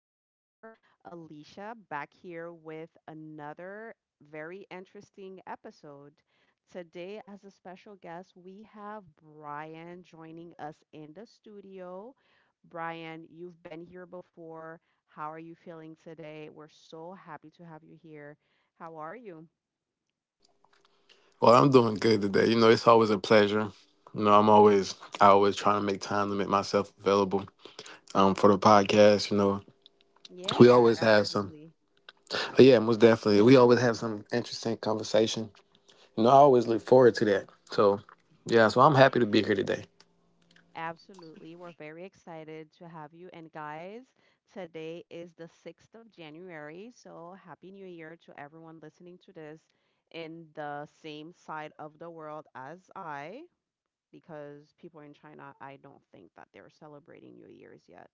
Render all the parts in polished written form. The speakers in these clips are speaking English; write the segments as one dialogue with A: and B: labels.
A: ever, Alicia, back here with another very interesting episode. Today, as a special guest, we have Brian joining us in the studio. Brian, you've been here before. How are you feeling today? We're so happy to have you here. How are you?
B: Well, I'm doing good today. You know, it's always a pleasure. You know, I'm always I always trying to make time to make myself available for the podcast. You know, we
A: Yeah,
B: always have some.
A: absolutely.
B: But yeah, most definitely, we always have some interesting conversation. You know, I always look forward to that. So yeah, so I'm happy to be here today.
A: Absolutely. We're very excited to have you. And guys, today is the 6th of January. So Happy New Year to everyone listening to this in the same side of the world as I, because people in China, I don't think that they're celebrating New Year's yet.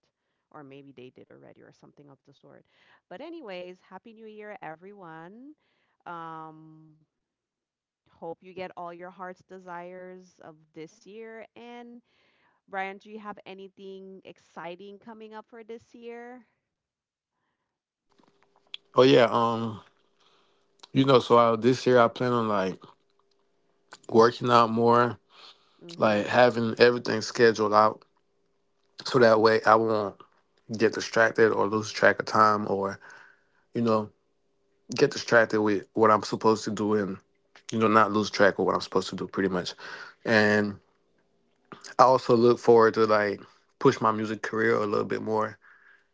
A: Or maybe they did already or something of the sort. But anyways, Happy New Year, everyone. Um, hope you get all your heart's desires of this year. And Brian, do you have anything exciting coming up for this year?
B: Oh yeah, you know, so I, this year I plan on like working out more, like
A: Mm-hmm.
B: having everything scheduled out, so that way I won't get distracted or lose track of time or you know get distracted with what I'm supposed to do and you know not lose track of what I'm supposed to do pretty much. And I also look forward to like push my music career a little bit more.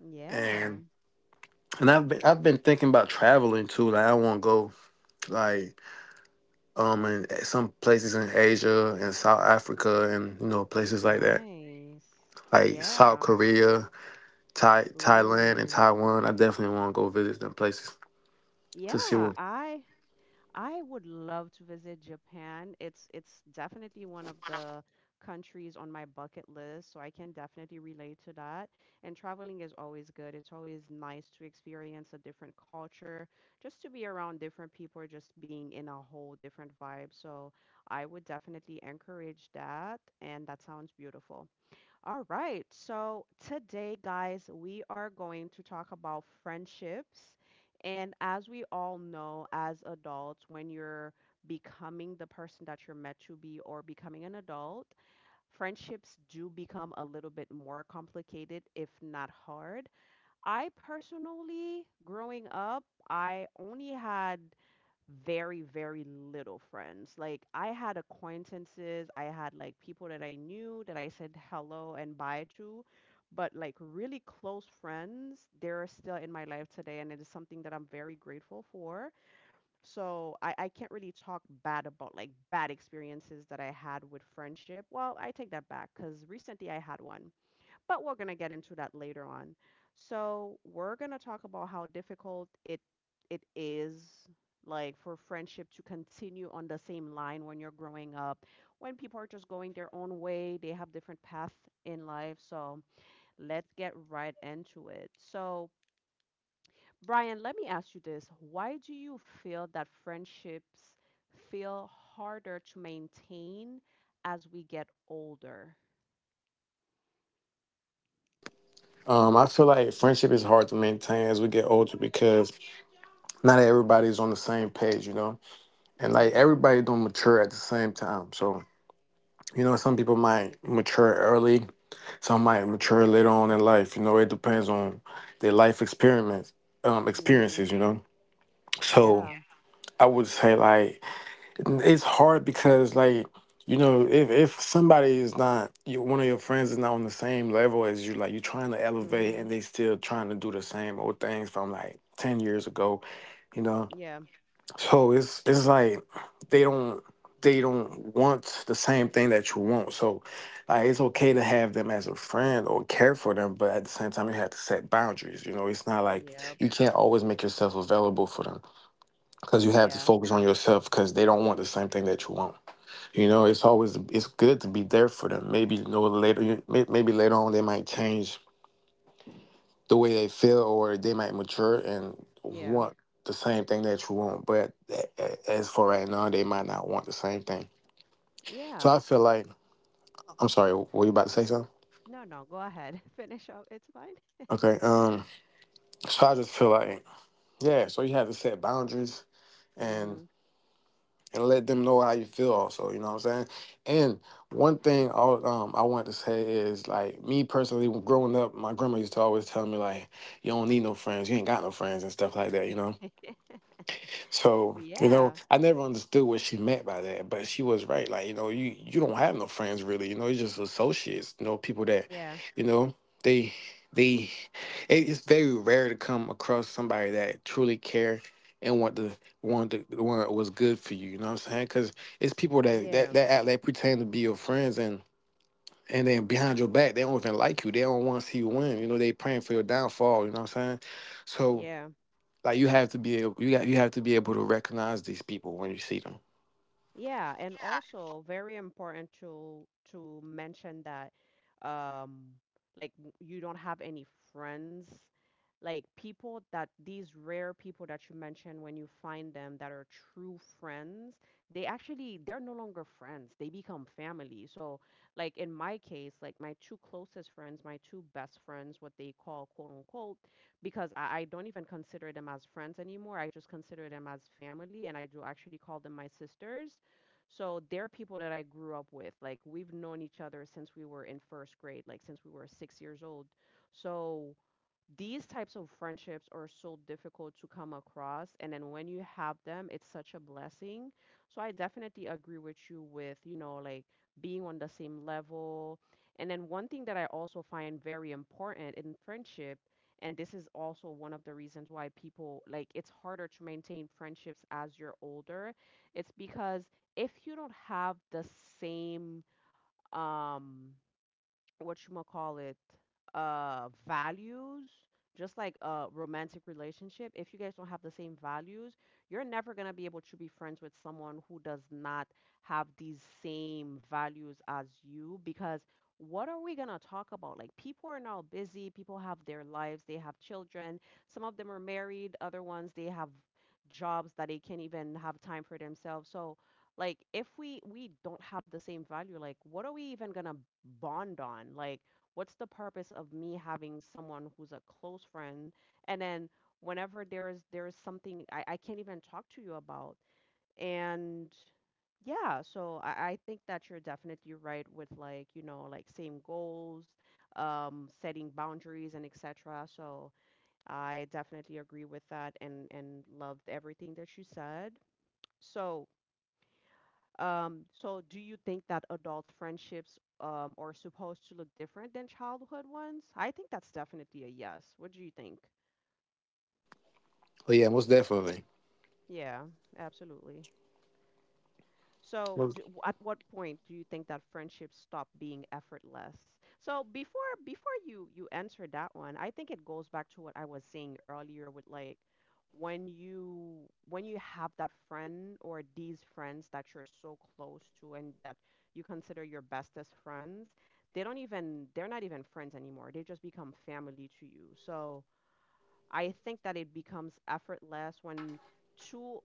A: Yeah.
B: And and I've been thinking about traveling too. Like I want to go like some places in Asia and South Africa and you know places like that.
A: Nice.
B: Like South
A: Yeah.
B: Korea, Thailand, and
A: Ooh.
B: Taiwan. I definitely want to go visit them places to see
A: Yeah,
B: what.
A: I I would love to visit Japan. It's definitely one of the countries on my bucket list, so I can definitely relate to that. And traveling is always good. It's always nice to experience a different culture, just to be around different people, just being in a whole different vibe. So I would definitely encourage that, and that sounds beautiful. All right. So today, guys, we are going to talk about friendships. And as we all know, as adults, when you're becoming the person that you're meant to be or becoming an adult, friendships do become a little bit more complicated, if not hard. I, personally, growing up, I only had very, very little friends. Like I had acquaintances, I had like people that I knew that I said hello and bye to, but like really close friends, they're still in my life today, and it is something that I'm very grateful for. So I can't really talk bad about like bad experiences that I had with friendship. Well, I take that back, because recently I had one, but we're going to get into that later on. So, we're going to talk about how difficult it is, like, for friendship to continue on the same line when you're growing up, when people are just going their own way, they have different paths in life. So, let's get right into it. So, Brian, let me ask you this. Why do you feel that friendships feel harder to maintain as we get older?
B: I feel like friendship is hard to maintain as we get older because not everybody's on the same page, you know, and
A: Mm.
B: like
A: Mhm.
B: everybody don't mature at the same time. So you know, some people might mature early, some might mature later on in life. You know, it depends on their
A: Mm. Mhm.
B: experiences. You know, so
A: Yeah.
B: I would say like it's hard because like you know if somebody is not you, one of your friends is not on the same level as you like you're trying to elevate
A: Mm-hmm.
B: and they still trying to do the same old things from like 10 years ago you know.
A: Yeah.
B: So it's like they don't they don't want the same thing that you want. So like it's okay to have them as a friend or care for them, but at the same time you have to set boundaries. You know, it's not like
A: Yep.
B: you can't always make yourself available for them because you have to
A: Yeah.
B: focus on yourself because they don't want the same thing that you want. You know, it's always it's good to be there for them. Maybe you know maybe later on they might change the way they feel or they might mature and
A: Yeah.
B: want the same thing that you want but as for right now they might not want the same thing so
A: Yeah.
B: I feel like I'm sorry, were you about to say something?
A: No, no, go ahead. Finish up. It's fine.
B: okay um so I just feel like yeah so you have to set boundaries and
A: Mm-hmm.
B: and let them know how you feel also you know what I'm saying. And one thing I want to say is like me personally when growing up my grandma used to always tell me like you don't need no friends you ain't got no friends and stuff like that you know. So, you
A: Yeah.
B: know, I never understood what she meant by that, but she was right. Like, you know, you don't have no friends really, you know, it's just associates, you know, people that,
A: Yeah.
B: you know, they they it's very rare to come across somebody that truly care and want to want what's good for you, you know what I'm saying? Cuz it's people that that
A: Yeah.
B: that act like pretend to be your friends and then behind your back, they don't even like you. They don't want to see you win. You know, they praying for your downfall, you know what I'm saying? So
A: Yeah.
B: like you have to be able, you got you have to be able to recognize these people when you see them.
A: Yeah, and also very important to mention that, um like, you don't have any friends. Like people that, these rare people that you mentioned, when you find them, that are true friends, they're no longer friends. They become family. So like in my case, like my two closest friends, my two best friends, what they call quote unquote, because I don't even consider them as friends anymore. I just consider them as family, and I do actually call them my sisters, so they're people that I grew up with. Like we've known each other since we were in first grade, like since we were 6 years old. So these types of friendships are so difficult to come across, and then when you have them it's such a blessing. So I definitely agree with you, with you know, like, being on the same level. And then one thing that I also find very important in friendship, and this is also one of the reasons why people, like, it's harder to maintain friendships as you're older, it's because if you don't have the same, um what you call it, values. Just like a romantic relationship, if you guys don't have the same values, you're never going to be able to be friends with someone who does not have these same values as you, because what are we going to talk about? Like, people are now busy, people have their lives, they have children, some of them are married, other ones they have jobs that they can't even have time for themselves. So like if we don't have the same value, like, what are we even gonna bond on? Like, what's the purpose of me having someone who's a close friend, and then whenever there is, there is something I can't even talk to you about? And yeah, so I think that you're definitely right with, like, you know, like, same goals, setting boundaries, and etc. So I definitely agree with that, and loved everything that you said. So, so do you think that adult friendships, are supposed to look different than childhood ones? I think that's definitely a yes. What do you think?
B: But yeah, most definitely.
A: Yeah, absolutely. So,
B: Most-
A: at what point do you think that friendships stop being effortless? So, before you answer that one, I think it goes back to what I was saying earlier, with like when you have that friend or these friends that you're so close to and that you consider your bestest friends, they're not even friends anymore. They just become family to you. So, I think that it becomes effortless when two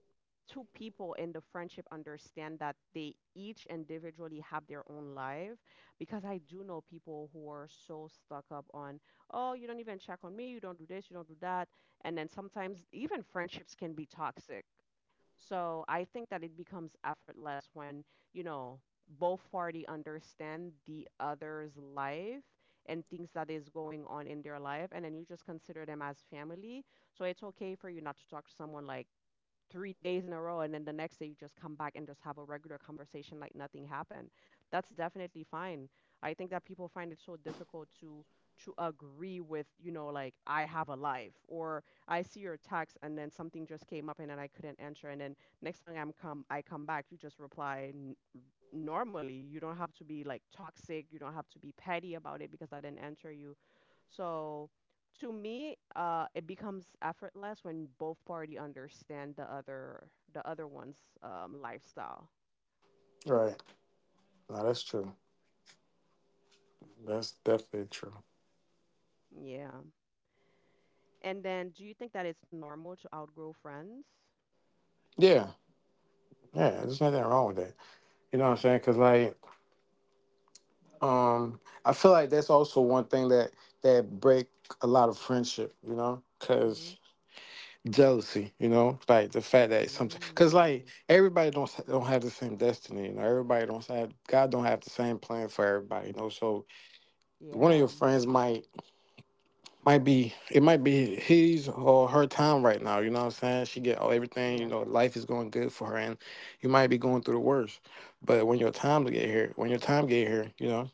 A: two people in the friendship understand that they each individually have their own life, because I do know people who are so stuck up on, oh, you don't even check on me, you don't do this, you don't do that, and then sometimes even friendships can be toxic. So I think that it becomes effortless when, you know, both party understand the other's life and things that is going on in their life, and then you just consider them as family. So it's okay for you not to talk to someone like 3 days in a row, and then the next day you just come back and just have a regular conversation like nothing happened. That's definitely fine. I think that people find it so difficult to agree with, you know, like, I have a life, or I see your text and then something just came up and then I couldn't answer, and then next time, I come back, you just reply normally. You don't have to be like toxic, you don't have to be petty about it because I didn't answer you. So to me, it becomes effortless when both party understand the other one's, lifestyle.
B: right. No, that's true. That's definitely true.
A: Yeah. And then, do you think that it's normal to outgrow friends?
B: Yeah. Yeah. There's nothing wrong with that. You know what I'm saying? Cause like, um, I feel like that's also one thing that that break a lot of friendship. You know,
A: Mm-hmm.
B: cause jealousy. You know, like the fact that something. Cause like
A: Ooh.
B: everybody don't have the same destiny. You know, everybody don't have God don't have the same plan for everybody. You know, so one of your
A: Yeah.
B: friends might be it might be his or her time right now. You know what I'm saying? She get all everything. You
A: Yeah.
B: know, life is going good for her, and you might be going through the worst. But when your time get here, you know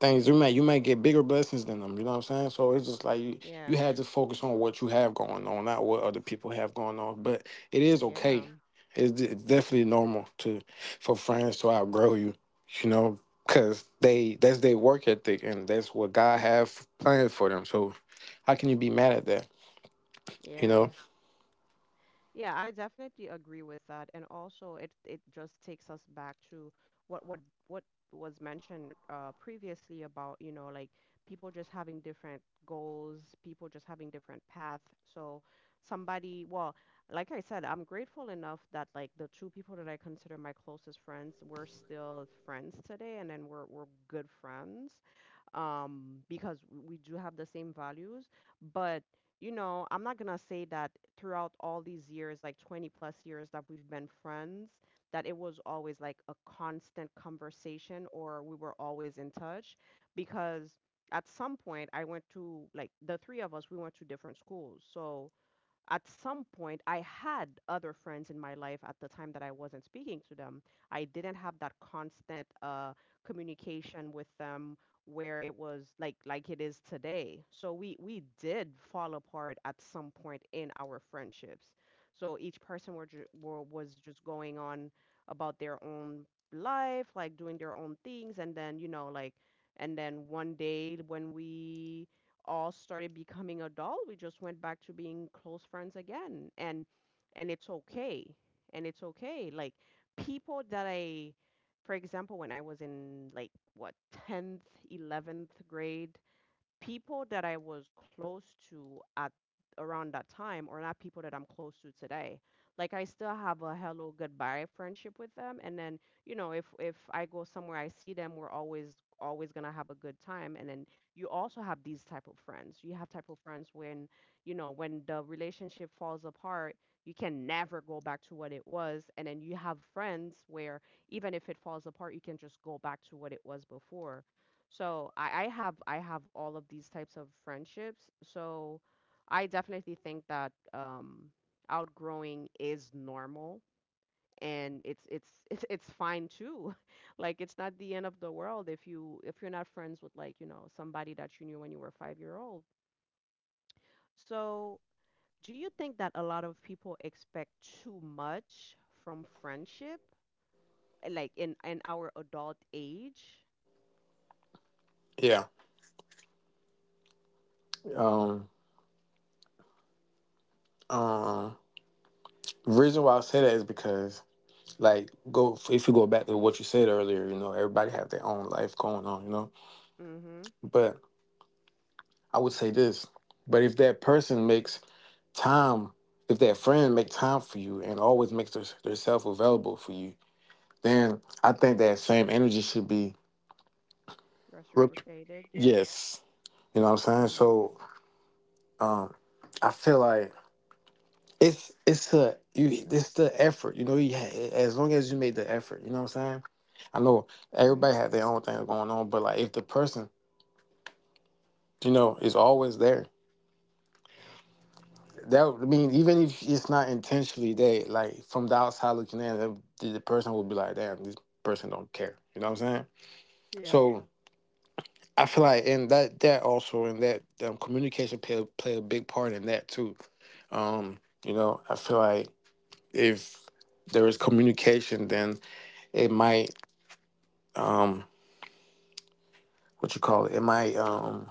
B: things you may you might get bigger blessings than them you know what I'm saying so it's just like you
A: Yeah.
B: had to focus on what you have going on not what other people have going on but it is
A: Yeah.
B: okay it's, it's definitely normal to for friends to outgrow you you know because they that's their work ethic and that's what god have planned for them so how can you be mad at that you
A: Yeah.
B: know.
A: Yeah, I definitely agree with that. And also it just takes us back to what what was mentioned previously about, you know, like, people just having different goals, people just having different path. So somebody, well, like I said, I'm grateful enough that like the two people that I consider my closest friends, we're still friends today, and then we're good friends, because we do have the same values. But, you know, I'm not gonna say that throughout all these years, like 20 plus years that we've been friends, that it was always like a constant conversation or we were always in touch, because at some point, I went to, like, the three of us, we went to different schools. So at some point I had other friends in my life at the time that I wasn't speaking to them, I didn't have that constant, communication with them, where it was like it is today. So we did fall apart at some point in our friendships, so each person were, ju- were was just going on about their own life, like doing their own things, and then, and then one day when we all started becoming adult, we just went back to being close friends again. And it's okay. And it's okay. Like people that I for example, when I was in, like, what, 10th, 11th grade, people that I was close to at around that time are not people that I'm close to today. Like I still have a hello goodbye friendship with them, and then, you know, if I go somewhere I see them, we're always always going to have a good time. And then you also have these type of friends. You have type of friends when, you know, when the relationship falls apart, you can never go back to what it was, and then you have friends where even if it falls apart, you can just go back to what it was before. So I have all of these types of friendships. So I definitely think that, outgrowing is normal, and it's it's fine too. Like it's not the end of the world if you're not friends with like, you know, somebody that you knew when you were five-year-old. So do you think that a lot of people expect too much from friendship? Like in our adult age?
B: Yeah um um reason why I say that is because like go if you go back to what you said earlier you know everybody have their own life going on you know
A: Mm-hmm.
B: but I would say this, but if that person makes time, if that friend make time for you and always makes their, herself available for you, then I think that same energy should be. Rep-
A: Reciprocated, yeah.
B: yes, you know what I'm saying.
A: Mm-hmm.
B: So um, I feel like it's a you it's the effort. You know, as long as you made the effort, you know what I'm saying. I know everybody have their own thing going on, but like if the person you know is always there. I mean, even if it's not intentionally there, like from the outside looking in, the person would be like, "Damn, this person don't care." You know what I'm saying?
A: Yeah.
B: So I feel like, and that that also, and that communication play a big part in that too. Um, you know, I feel like if there is communication, then it might um, what you call it? It might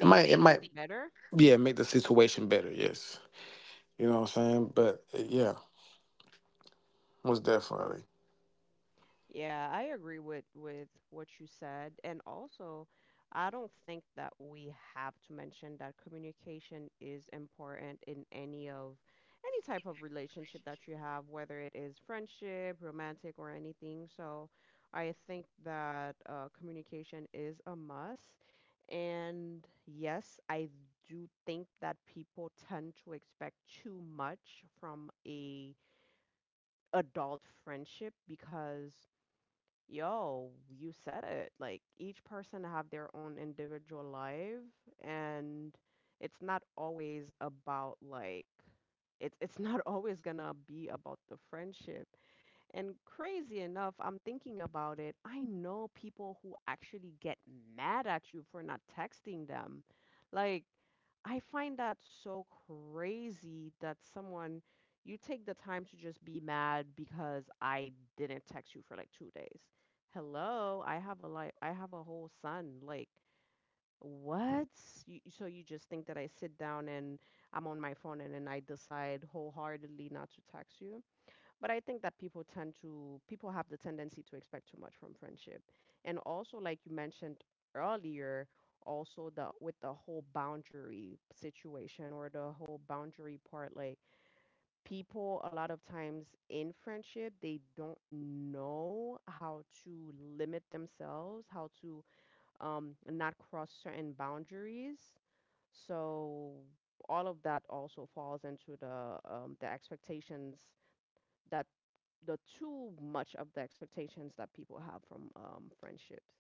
B: it might it
A: things
B: might
A: better.
B: yeah make the situation better. Yes, you know what I'm saying. But yeah, most definitely.
A: Yeah, I agree with what you said. And also, I don't think that we have to mention that communication is important in any type of relationship that you have, whether it is friendship, romantic, or anything. So, I think that communication is a must. And yes, I do think that people tend to expect too much from a adult friendship because yo you said it, like each person have their own individual life and it's not always about like it's not always gonna be about the friendship. And crazy enough, I'm thinking about it. I know people who actually get mad at you for not texting them. Like, I find that so crazy that someone, you take the time to just be mad because I didn't text you for like two days. Hello, I have a life, I have a whole son. Like, what? You, so you just think that I sit down and I'm on my phone and then I decide wholeheartedly not to text you? But I think that people have the tendency to expect too much from friendship. And also, like you mentioned earlier, also the with the whole boundary situation, or the whole boundary part, like people a lot of times in friendship, they don't know how to limit themselves, how to not cross certain boundaries. So all of that also falls into the expectations that the too much of the expectations that people have from friendships.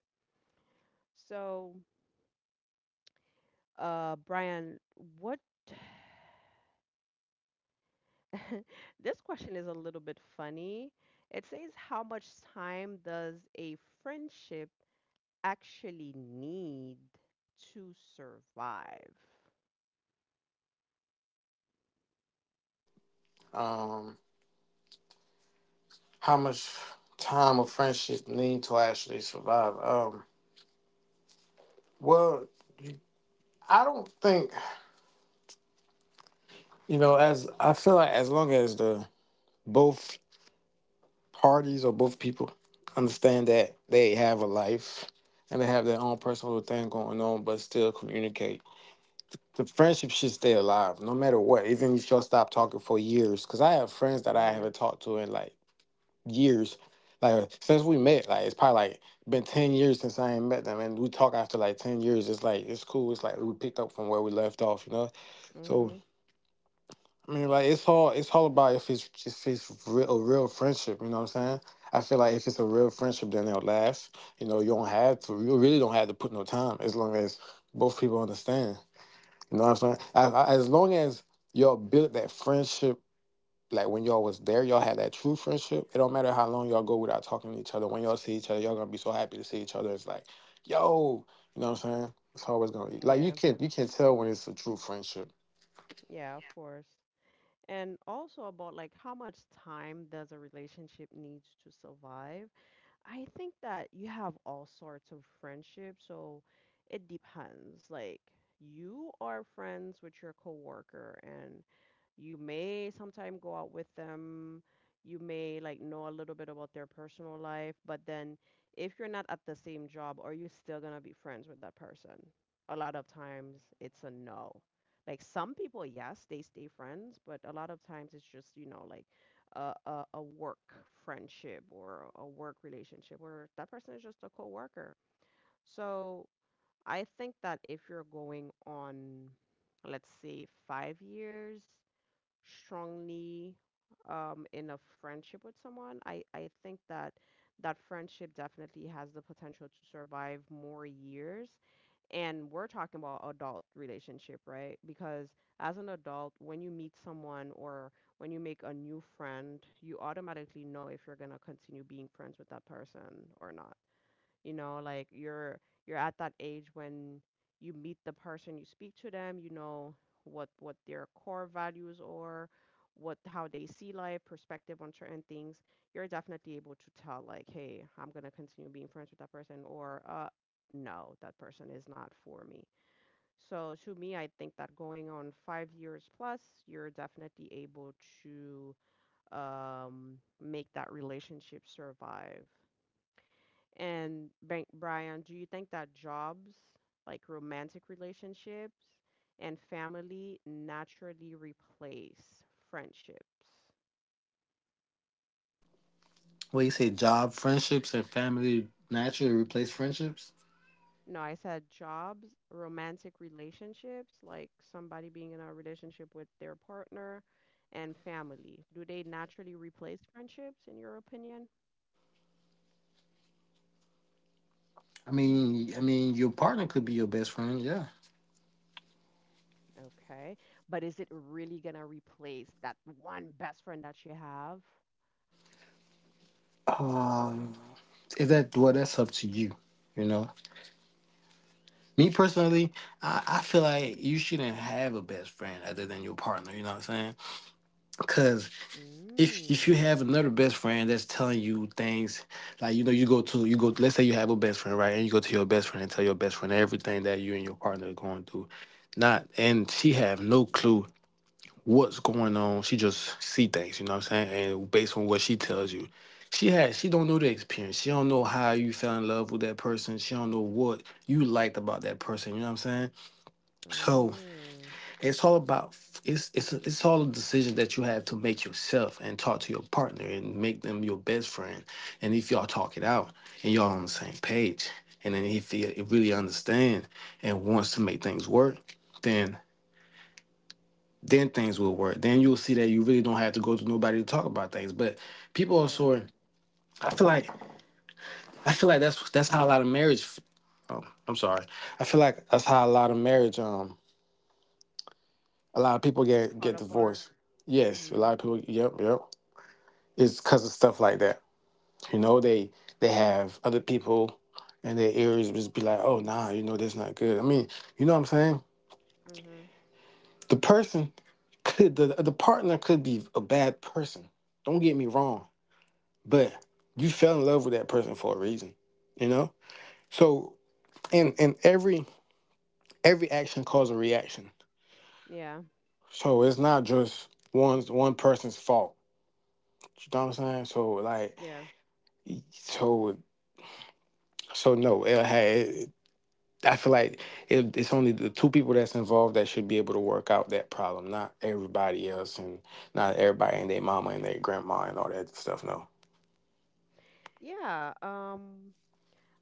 A: So, Brian, what this question is a little bit funny. It says, how much time does a friendship actually need to survive?
B: Um, How much time of friendship need to actually survive? Well, I don't think you know. As I feel like, as long as the both parties or both people understand that they have a life and they have their own personal thing going on, but still communicate, the friendship should stay alive no matter what. Even if y'all stop talking for years, because I have friends that I
A: Mm-hmm.
B: haven't talked to in like years. Like since we met, like it's probably like been 10 years since I ain't met them, and we talk after like 10 years. It's like it's cool. It's like we picked up from where we left off, you know. So
A: Mm-hmm.
B: I mean, like it's all about if it's real, a real friendship. You know what I'm saying? I feel like if it's a real friendship, then it'll last. You know, you don't have to. You really don't have to put no time as long as both people understand. You know what I'm saying? As long as y'all build that friendship like when y'all was there, y'all had that true friendship. It don't matter how long y'all go without talking to each other. When y'all see each other, y'all gonna be so happy to see each other. It's like, yo, you know what I'm saying? It's always gonna be like
A: Yeah.
B: you can tell when it's a true friendship.
A: Yeah, of course. And also about like how much time does a relationship need to survive? I think that you have all sorts of friendships, so it depends. Like you are friends with your coworker and you may sometime go out with them. You may like know a little bit about their personal life, but then if you're not at the same job, are you still gonna be friends with that person? A lot of times it's a no. Like some people, yes, they stay friends, but a lot of times it's just, you know, like a work friendship, or a work relationship where that person is just a coworker. So I think that if you're going on, let's say, five years strongly in a friendship with someone, I think that that friendship definitely has the potential to survive more years. And we're talking about adult relationship, right? Because as an adult, when you meet someone, or when you make a new friend, you automatically know if you're going to continue being friends with that person or not. You know, like you're at that age when you meet the person, you speak to them, you know what their core values are, what how they see life, perspective on certain things. You're definitely able to tell, like, hey, I'm going to continue being friends with that person, or no, that person is not for me. So to me, I think that going on 5 years plus, you're definitely able to make that relationship survive. And Brian, do you think that jobs, like romantic relationships and family, naturally replace friendships?
B: Well, you say job friendships and family naturally replace friendships.
A: No, I said jobs, romantic relationships, like somebody being in a relationship with their partner, and family. Do they naturally replace friendships, in your opinion?
B: I mean, your partner could be your best friend. Yeah.
A: Okay. But is it really gonna replace that one best friend that you have?
B: Um, if that well, that's up to you. You know, me personally, I feel like you shouldn't have a best friend other than your partner. You know what I'm saying? Because if you
A: Mm,
B: have another best friend that's telling you things like you know you go let's say you have a best friend right and you go to your best friend and tell your best friend everything that you and your partner are going through not and she have no clue what's going on she just see things you know what I'm saying and based on what she tells you she has she don't know the experience she don't know how you fell in love with that person she don't know what you liked about that person you know what I'm saying. So
A: mm,
B: it's all about it's all a decision that you have to make yourself and talk to your partner and make them your best friend. And if y'all talk it out and y'all on the same page, and then if he really understands and wants to make things work, then then things will work. Then you'll see that you really don't have to go to nobody to talk about things. But people are
A: yeah.
B: sort. I feel like I feel like that's how a lot of marriage. I'm sorry. I feel like that's how a lot of marriage. A lot of people
A: Fall
B: get
A: apart.
B: divorced. Yes, a
A: Mhm.
B: lot of people. Yep, yep. It's because of stuff like that. You know, they have other people in their ears just be like, oh nah, you know, that's not good. I mean, you know what I'm saying?
A: Mhm.
B: The person could the partner could be a bad person. Don't get me wrong, but you fell in love with that person for a reason. You know? So and every action causes a reaction.
A: Yeah.
B: So it's not just one person's fault. You know what I'm saying? So like
A: Yeah.
B: so so no, hey, I feel like it's only the two people that's involved that should be able to work out that problem, not everybody else and not everybody and their mama and their grandma and all that stuff. No,
A: Yeah. Um,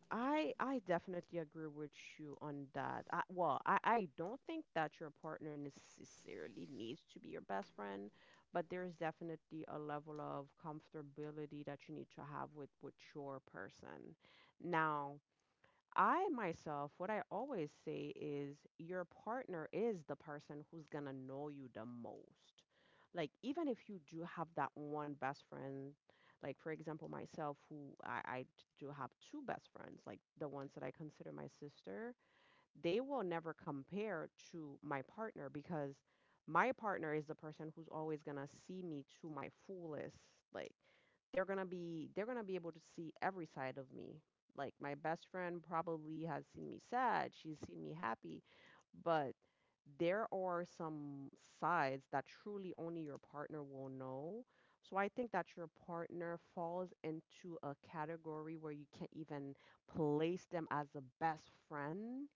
A: I definitely agree with you on that. I, well, I don't think that your partner necessarily needs to be your best friend, but there is definitely a level of comfortability that you need to have with your person. Now, I myself, what I always say is your partner is the person who's gonna know you the most. Like, even if you do have that one best friend, like for example, myself, who I do have two best friends, like the ones that I consider my sister, they will never compare to my partner, because my partner is the person who's always going to see me to my fullest. Like they're going to be able to see every side of me. Like my best friend probably has seen me sad, she's seen me happy, but there are some sides that truly only your partner will know. So I think that your partner falls into a category where you can't even place them as a best friend.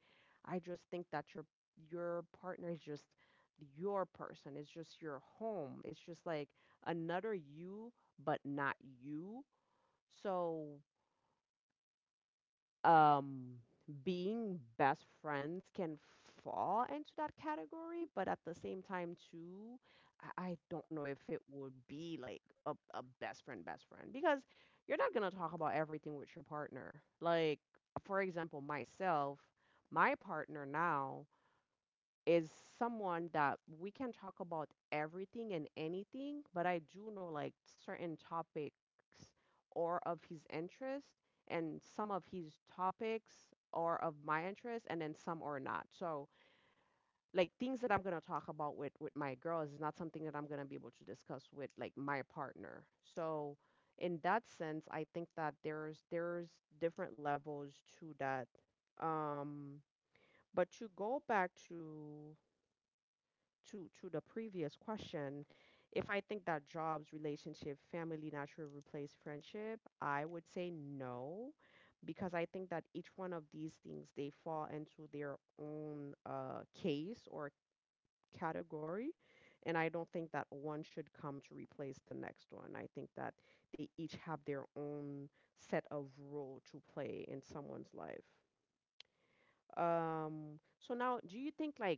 A: I just think that your partner is just your person. It's just your home. It's just like another you, but not you. So, um, being best friends can fall into that category, but at the same time too, I don't know if it would be like a best friend, because you're not gonna talk about everything with your partner. Like, for example, myself, my partner now is someone that we can talk about everything and anything, but I do know like certain topics or of his interest, and some of his topics or of my interest, and then some are not. So like things that I'm gonna talk about with my girls is not something that I'm gonna be able to discuss with like my partner. So in that sense, I think that there's different levels to that. Um, but to go back to to the previous question, if I think that jobs, relationship, family naturally replace friendship, I would say no, because I think that each one of these things, they fall into their own case or category, and I don't think that one should come to replace the next one. I think that they each have their own set of role to play in someone's life. So now, do you think like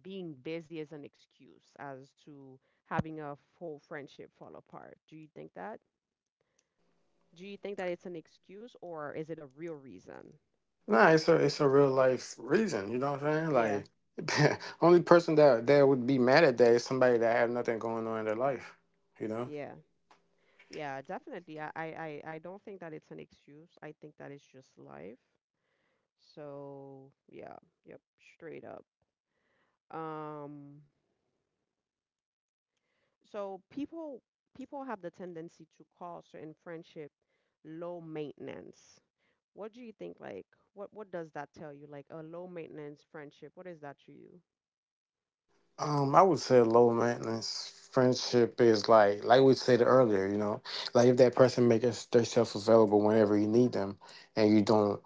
A: being busy is an excuse as to having a full friendship fall apart? Do you think that? Do you think that it's an excuse or is it a real reason?
B: nah, it's a real life reason. You know what I'm saying?
A: Yeah,
B: Like, only person that that would be mad at that is somebody that have nothing going on in their life. You know?
A: yeah, yeah, definitely. I don't think that it's an excuse. I think that it's just life. So yeah, yep, straight up. Um, so people have the tendency to call certain friendship low maintenance. What do you think? Like, what does that tell you? Like a low maintenance friendship. What is that to you?
B: I would say low maintenance friendship is like we said earlier. You know, like if that person makes themselves available whenever you need them, and you don't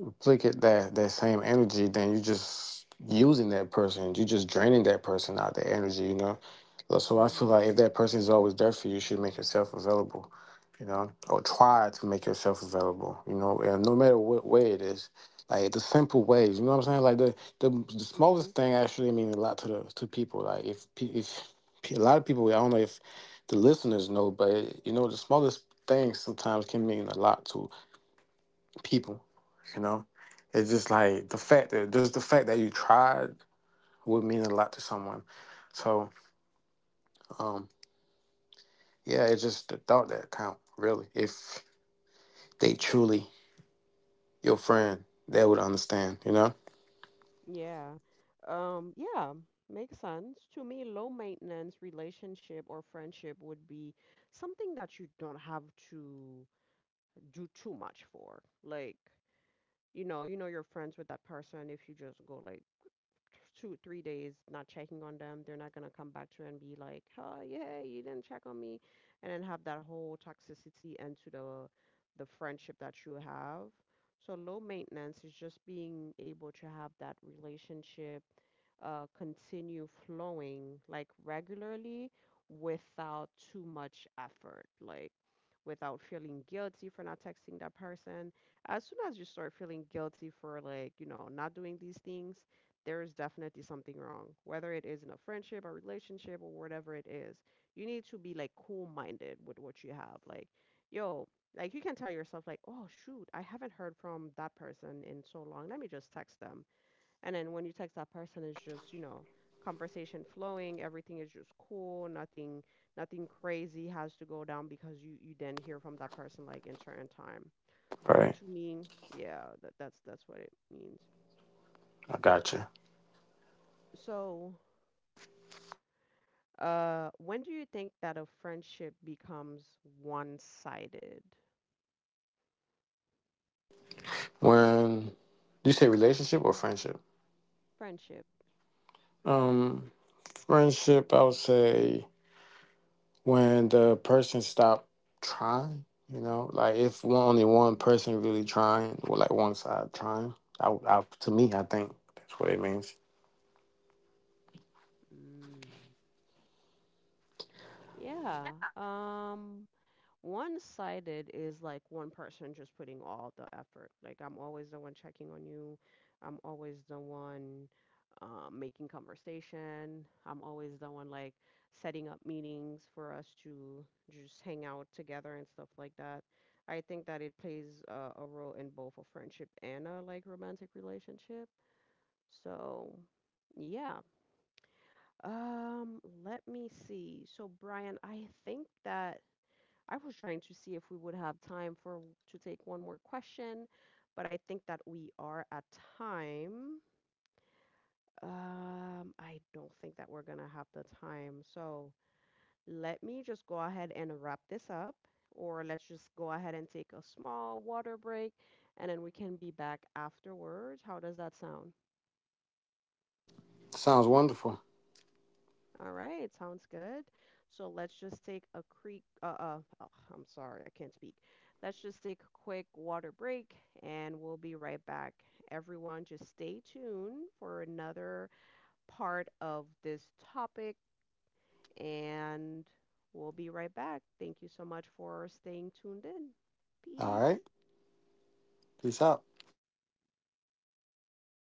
B: replicate that same energy, then you just using that person. You just draining that person out the energy, you know. So I feel
A: Mhm.
B: like if that person is always there for you, you should make yourself available, you know, or try to make yourself available, you know, and no matter what way it is. Like the simple ways, you know what I'm saying? Like the
A: Mhm.
B: smallest thing actually means a lot to the to people. Like if pe- a lot of people, I don't know if the listeners know, but you know the smallest things sometimes can mean a lot to people. You know, it's just like the fact that just the fact that you tried would mean a lot to someone. So um, yeah, it's just the thought that count really. If they truly your friend, they would understand. You know,
A: Yeah. Yeah, makes sense. To me, low maintenance relationship or friendship would be something that you don't have to do too much for. Like, you know you're friends with that person if you just go like two, three days not checking on them, they're not gonna come back to you and be like, "Oh yeah, you didn't check on me," and then have that whole toxicity into the friendship that you have. So low maintenance is just being able to have that relationship continue flowing like regularly without too much effort, like without feeling guilty for not texting that person. As soon as you start feeling guilty for like, you know, not doing these things, there is definitely something wrong, whether it is in a friendship or relationship or whatever it is. You need to be like cool minded with what you have. Like, yo, like you can tell yourself, like, oh, shoot, I haven't heard from that person in so long. Let me just text them. And then when you text that person, it's just, you know, conversation flowing, everything is just cool, nothing crazy has to go down because you didn't hear from that person like in certain time. So
B: right?
A: to me, yeah, that's what it means.
B: I got you.
A: So uh, when do you think that a friendship becomes one-sided?
B: When you say relationship or friendship,
A: Friendship.
B: um, friendship, I would say when the person stopped trying, you know, like if one, only one person really trying, or like one side trying, to me, I think that's what it means.
A: Mm. Yeah. Um, one-sided is like one person just putting all the effort. Like I'm always the one checking on you. I'm always the one making conversation. I'm always the one like setting up meetings for us to just hang out together and stuff like that. I think that it plays a role in both a friendship and a like romantic relationship. So, yeah. Let me see. So, Brian, I think that I was trying to see if we would have time for to take one more question, but I think that we are at time. I don't think that we're gonna have the time. So let me just go ahead and wrap this up, or let's just go ahead and take a small water break, and then we can be back afterwards. How does that sound?
B: Sounds wonderful.
A: All right, sounds good. So let's just take a creek. Oh, I'm sorry, I can't speak. Let's just take a quick water break and we'll be right back. Everyone, just stay tuned for another part of this topic and we'll be right back. Thank you so much for staying tuned in.
B: All
A: Peace.
B: right, peace out.